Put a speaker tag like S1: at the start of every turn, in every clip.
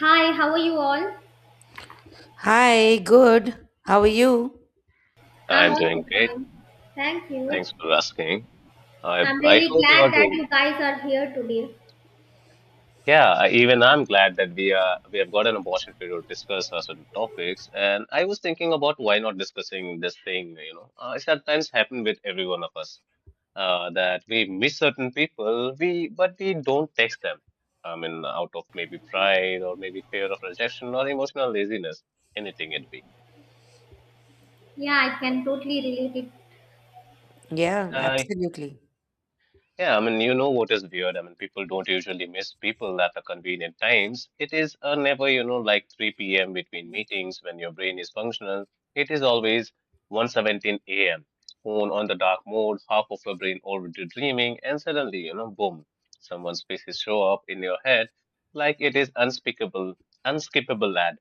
S1: Hi, how are you all?
S2: Hi, good. How are you?
S1: I'm
S3: I'm doing
S1: also
S3: great.
S1: fine. Thank you.
S3: Thanks for asking. I
S1: I'm
S3: I
S1: really
S3: hope you are
S1: glad that
S3: doing.
S1: you guys are here today.
S3: Yeah, I'm glad that we have got an opportunity to discuss certain topics. And I was thinking about why not discussing this thing. It sometimes happen with every one of us that we miss certain people. We but we don't text them. I mean, out of maybe pride or maybe fear of rejection or emotional laziness, anything it be.
S1: Yeah, I can totally relate it.
S2: Yeah,
S3: Uh,
S2: absolutely.
S3: Yeah, I mean, you know what is weird? I mean, people don't usually miss people at the convenient times. It is never, like 3 p.m. between meetings when your brain is functional. It is always 1:17 a.m. Phone on the dark mode, half of your brain already dreaming, and suddenly, boom, someone's faces show up in your head like it is unspeakable, unskippable ad.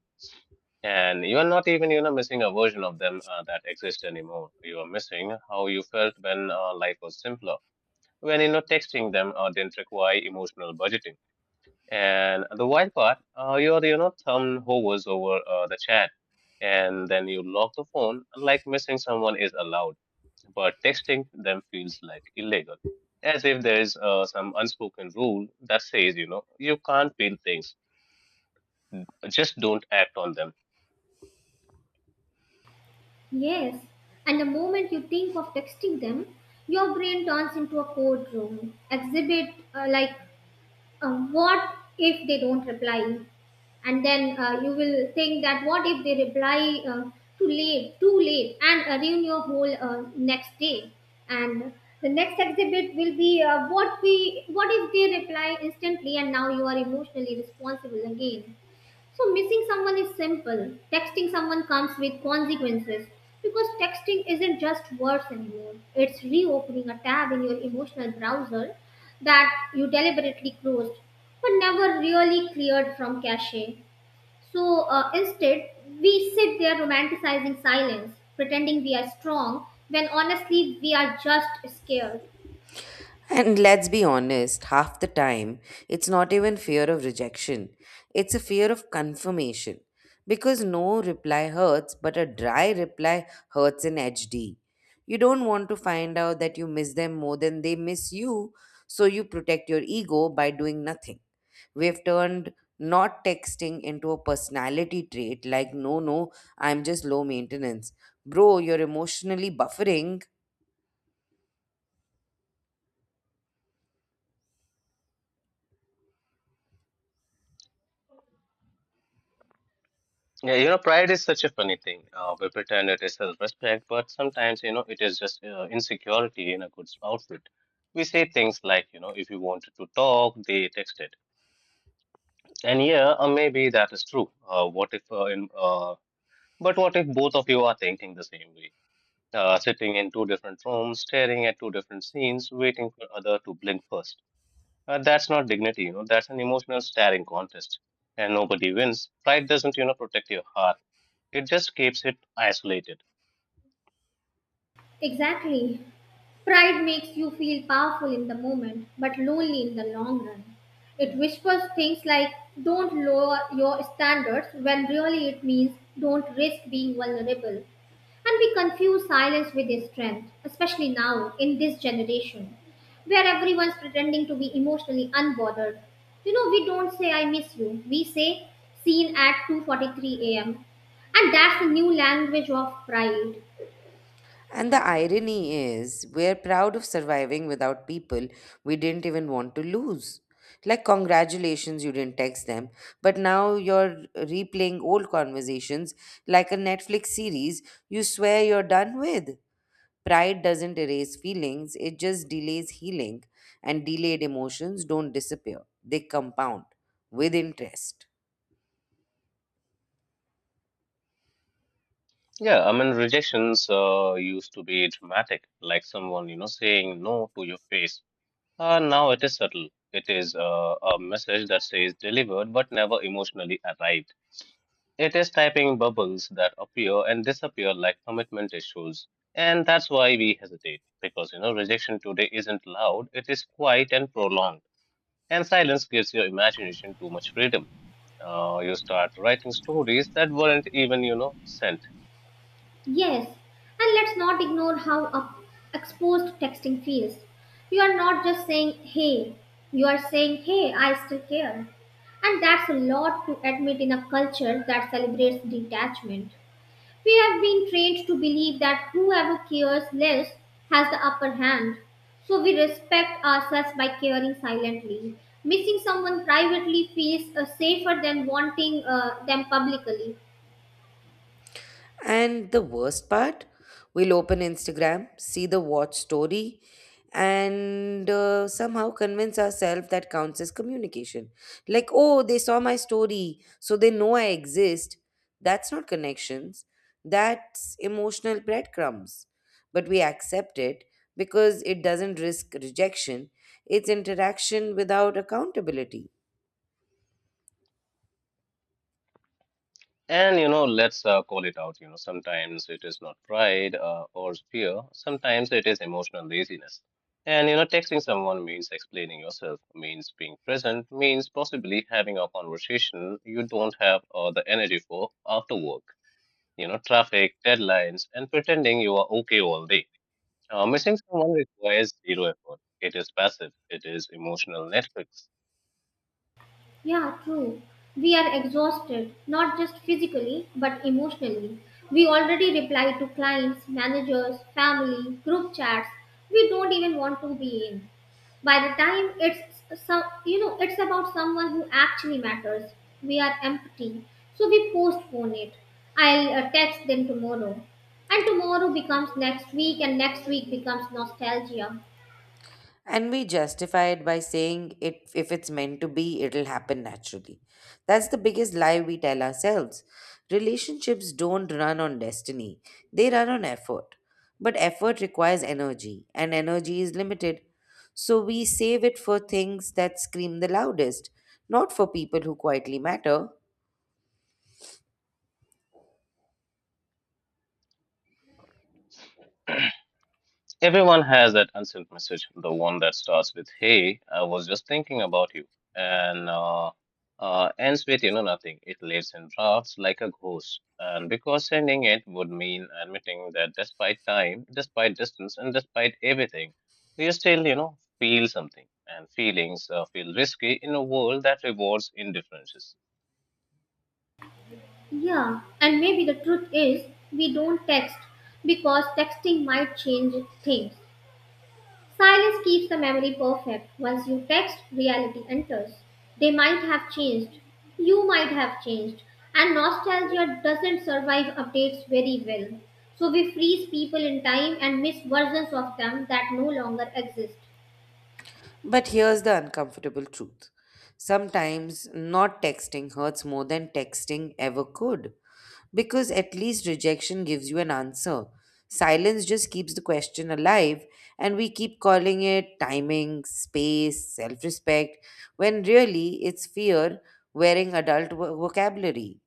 S3: And you are not even, missing a version of them that exists anymore. You are missing how you felt when life was simpler when you're not texting them didn't require emotional budgeting. And the wild part, your thumb hovers over the chat, and then you lock the phone like missing someone is allowed, but texting them feels like illegal, as if there is some unspoken rule that says you can't feel things, just don't act on them.
S1: Yes. And the moment you think of texting them, your brain turns into a courtroom exhibit like uh, what if they don't reply and then you will think that what if they reply too late and ruin your whole next day and the next exhibit will be what if they reply instantly and now you are emotionally responsible again. So, missing someone is simple. Texting someone comes with consequences because texting isn't just words anymore. It's reopening a tab in your emotional browser that you deliberately closed but never really cleared from cache. So, instead, we sit there romanticizing silence, pretending we are strong when honestly we are just scared.
S2: And let's be honest, half the time, it's not even fear of rejection, it's a fear of confirmation. Because no reply hurts, but a dry reply hurts in HD. You don't want to find out that you miss them more than they miss you, so you protect your ego by doing nothing. We've turned not texting into a personality trait like, no, no, I'm just low maintenance. Bro, you're emotionally buffering.
S3: Yeah, you know, pride is such a funny thing. We pretend it is self-respect, but sometimes, it is just insecurity in a good outfit. We say things like, if you wanted to talk, they texted. And yeah, maybe that is true. What if, in, But what if both of you are thinking the same way? Sitting in two different rooms, staring at two different scenes, waiting for other to blink first. That's not dignity, that's an emotional staring contest. And nobody wins. Pride doesn't, protect your heart, it just keeps it isolated.
S1: Exactly. Pride makes you feel powerful in the moment, but lonely in the long run. It whispers things like, don't lower your standards, when really it means don't risk being vulnerable. And we confuse silence with a strength, especially now in this generation, where everyone's pretending to be emotionally unbothered. You know, we don't say I miss you. We say seen at 2:43 a.m. And that's the new language of pride.
S2: And the irony is, we're proud of surviving without people we didn't even want to lose. Like, congratulations, you didn't text them, but now you're replaying old conversations like a Netflix series you swear you're done with. Pride doesn't erase feelings, it just delays healing, and delayed emotions don't disappear, they compound with interest.
S3: Yeah, I mean, rejections used to be dramatic, like someone, saying no to your face. Now it is subtle. It is a message that says delivered but never emotionally arrived. It is typing bubbles that appear and disappear like commitment issues. And that's why we hesitate, because, rejection today isn't loud, it is quiet and prolonged. And silence gives your imagination too much freedom. You start writing stories that weren't even, sent.
S1: Yes, and let's not ignore how exposed texting feels. You are not just saying hey, you are saying hey, I still care. And that's a lot to admit in a culture that celebrates detachment. We have been trained to believe that whoever cares less has the upper hand. So we respect ourselves by caring silently. Missing someone privately feels safer than wanting them publicly.
S2: And the worst part, we'll open Instagram, see the watch story, and somehow convince ourselves that counts as communication. Like, oh, they saw my story, so they know I exist. That's not connections, that's emotional breadcrumbs. But we accept it because it doesn't risk rejection, it's interaction without accountability.
S3: And you know, let's call it out. You know, sometimes it is not pride or fear. Sometimes it is emotional laziness. And you know, texting someone means explaining yourself, means being present, means possibly having a conversation you don't have the energy for after work. You know, traffic, deadlines, and pretending you are okay all day. Missing someone requires zero effort. It is passive. It is emotional Netflix.
S1: Yeah, true. We are exhausted, not just physically, but emotionally. We already reply to clients, managers, family, group chats we don't even want to be in. By the time it's about someone who actually matters. We are empty, so we postpone it. I'll text them tomorrow, and tomorrow becomes next week, and next week becomes nostalgia.
S2: And we justify it by saying it if it's meant to be, it'll happen naturally. That's the biggest lie we tell ourselves. Relationships don't run on destiny, they run on effort. But effort requires energy, and energy is limited. So we save it for things that scream the loudest, not for people who quietly matter.
S3: Everyone has that unsent message, the one that starts with, "Hey, I was just thinking about you," and ends with, nothing. It lives in drafts like a ghost. And because sending it would mean admitting that despite time, despite distance, and despite everything, you still, feel something. And feelings feel risky in a world that rewards indifferences.
S1: Yeah, and maybe the truth is we don't text because texting might change things. Silence keeps the memory perfect. Once you text, reality enters. They might have changed. You might have changed. And nostalgia doesn't survive updates very well. So we freeze people in time and miss versions of them that no longer exist.
S2: But here's the uncomfortable truth. Sometimes not texting hurts more than texting ever could. Because at least rejection gives you an answer. Silence just keeps the question alive, and we keep calling it timing, space, self respect, when really it's fear wearing adult vocabulary.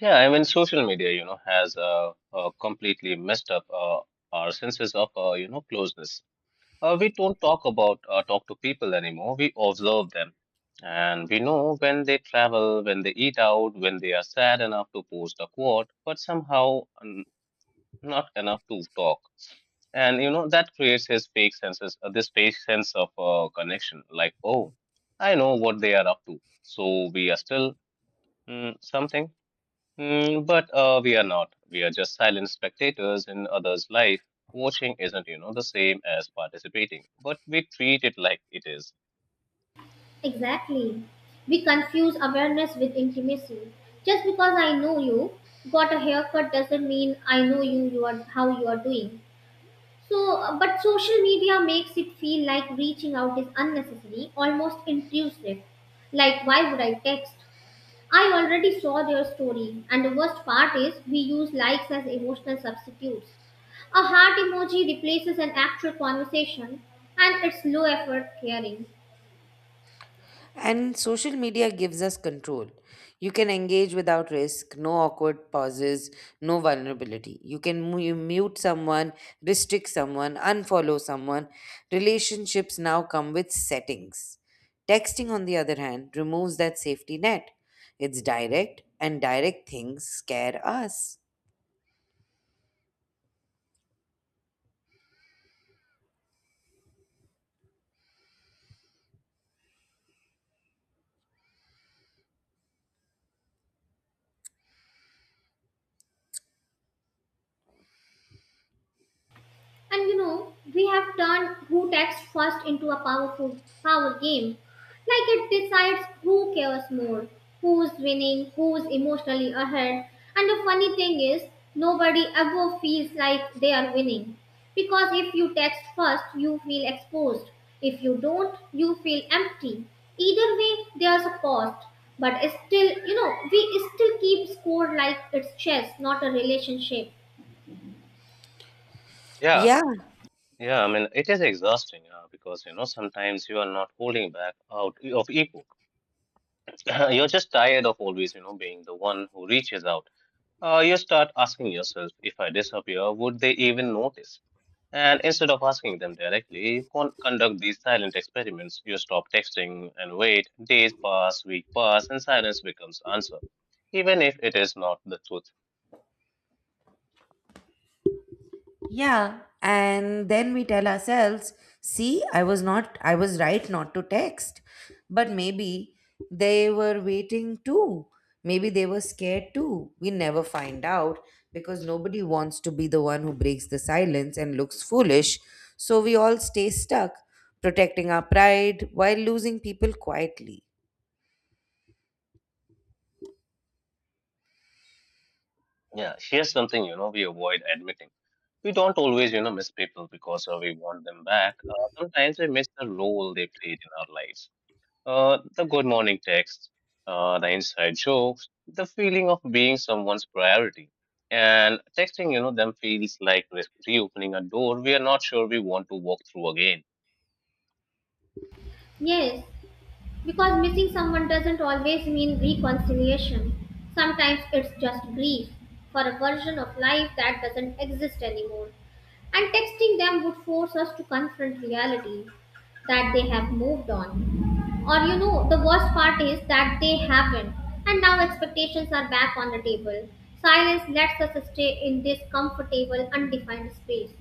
S3: Yeah, I mean, social media, has completely messed up our senses of, closeness. We don't talk to people anymore. We observe them, and we know when they travel, when they eat out, when they are sad enough to post a quote, but somehow not enough to talk. And you know that creates his fake senses, this fake sense of connection. Like, oh, I know what they are up to, so we are still something. But we are not. We are just silent spectators in others' life. Watching isn't, the same as participating, but we treat it like it is.
S1: Exactly. We confuse awareness with intimacy. Just because I know you got a haircut doesn't mean I know you, you are how you are doing. So, but social media makes it feel like reaching out is unnecessary, almost intrusive. Like, why would I text? I already saw their story, and the worst part is we use likes as emotional substitutes. A heart emoji replaces an actual conversation, and it's low effort caring.
S2: And social media gives us control. You can engage without risk, no awkward pauses, no vulnerability. You can mute someone, restrict someone, unfollow someone. Relationships now come with settings. Texting, on the other hand, removes that safety net. It's direct, and direct things scare us.
S1: And you know, we have turned who texts first into a power game. Like it decides who cares more, who's winning, who's emotionally ahead. And the funny thing is, nobody ever feels like they are winning. Because if you text first, you feel exposed. If you don't, you feel empty. Either way, there's a cost. But it's still, you know, we still keep score like it's chess, not a relationship.
S3: Yeah,
S2: Yeah.
S3: yeah. I mean, it is exhausting because, sometimes you are not holding back out of ego. You're just tired of always, being the one who reaches out. You start asking yourself, if I disappear, would they even notice? And instead of asking them directly, you conduct these silent experiments. You stop texting and wait. Days pass, week pass, and silence becomes answer, even if it is not the truth.
S2: Yeah. And then we tell ourselves, see, I was right not to text. But maybe they were waiting too. Maybe they were scared too. We never find out because nobody wants to be the one who breaks the silence and looks foolish. So we all stay stuck, protecting our pride while losing people quietly.
S3: Yeah, here's something you know we avoid admitting. We don't always you know miss people because we want them back. Sometimes we miss the role they played in our lives. The good morning text, the inside jokes, the feeling of being someone's priority. And texting, them feels like reopening a door we are not sure we want to walk through again.
S1: Yes, because missing someone doesn't always mean reconciliation. Sometimes it's just grief for a version of life that doesn't exist anymore. And texting them would force us to confront reality that they have moved on. Or, you know, the worst part is that they haven't. And now expectations are back on the table. Silence lets us stay in this comfortable, undefined space.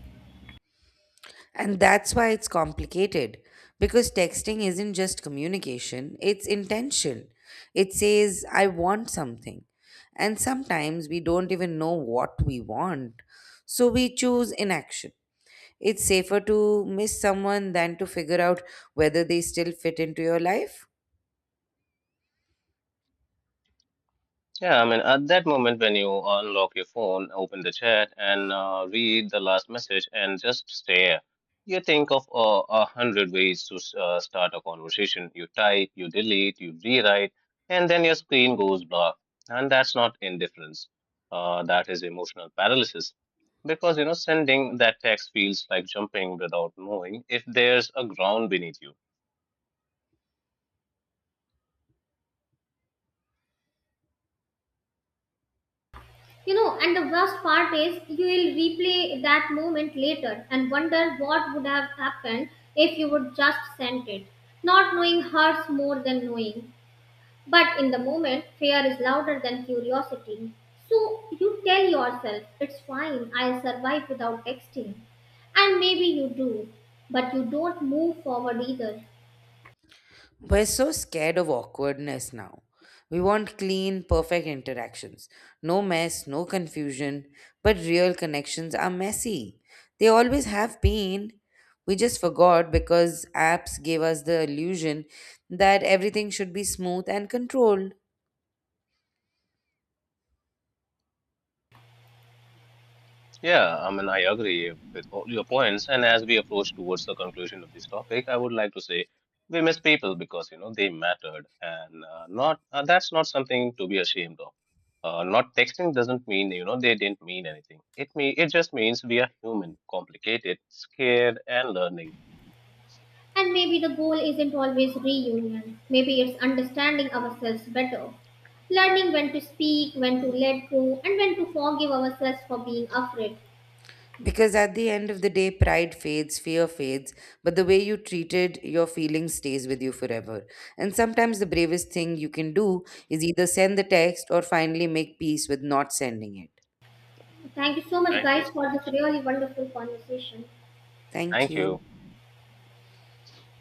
S2: And that's why it's complicated because texting isn't just communication, it's intention. It says, I want something. And sometimes we don't even know what we want, so we choose inaction. It's safer to miss someone than to figure out whether they still fit into your life.
S3: Yeah, I mean, at that moment when you unlock your phone, open the chat, and read the last message, and just stare, you think of 100 ways to start a conversation. You type, you delete, you rewrite, and then your screen goes black. And that's not indifference. That is emotional paralysis. Because, you know, sending that text feels like jumping without knowing if there's a ground beneath you.
S1: You know, and the worst part is you will replay that moment later and wonder what would have happened if you would just sent it. Not knowing hurts more than knowing, but in the moment, fear is louder than curiosity. So you tell yourself, it's fine, I'll survive without texting. And maybe you do, but you don't move forward either.
S2: We're so scared of awkwardness now. We want clean, perfect interactions. No mess, no confusion. But real connections are messy. They always have been. We just forgot because apps gave us the illusion that everything should be smooth and controlled.
S3: Yeah, I mean, I agree with all your points. And as we approach towards the conclusion of this topic, I would like to say we miss people because, you know, they mattered. And not that's not something to be ashamed of. Not texting doesn't mean, they didn't mean anything. It just means we are human, complicated, scared, and learning.
S1: And maybe the goal isn't always reunion. Maybe it's understanding ourselves better. Learning when to speak, when to let go, and when to forgive ourselves for being afraid.
S2: Because at the end of the day, pride fades, fear fades, but the way you treated your feelings stays with you forever. And sometimes the bravest thing you can do is either send the text or finally make peace with not sending it.
S1: Thank you so much,
S3: Thank you
S1: guys,
S3: so
S1: for
S3: much.
S1: this really wonderful conversation.
S2: Thank
S3: Thank
S2: you.
S3: you.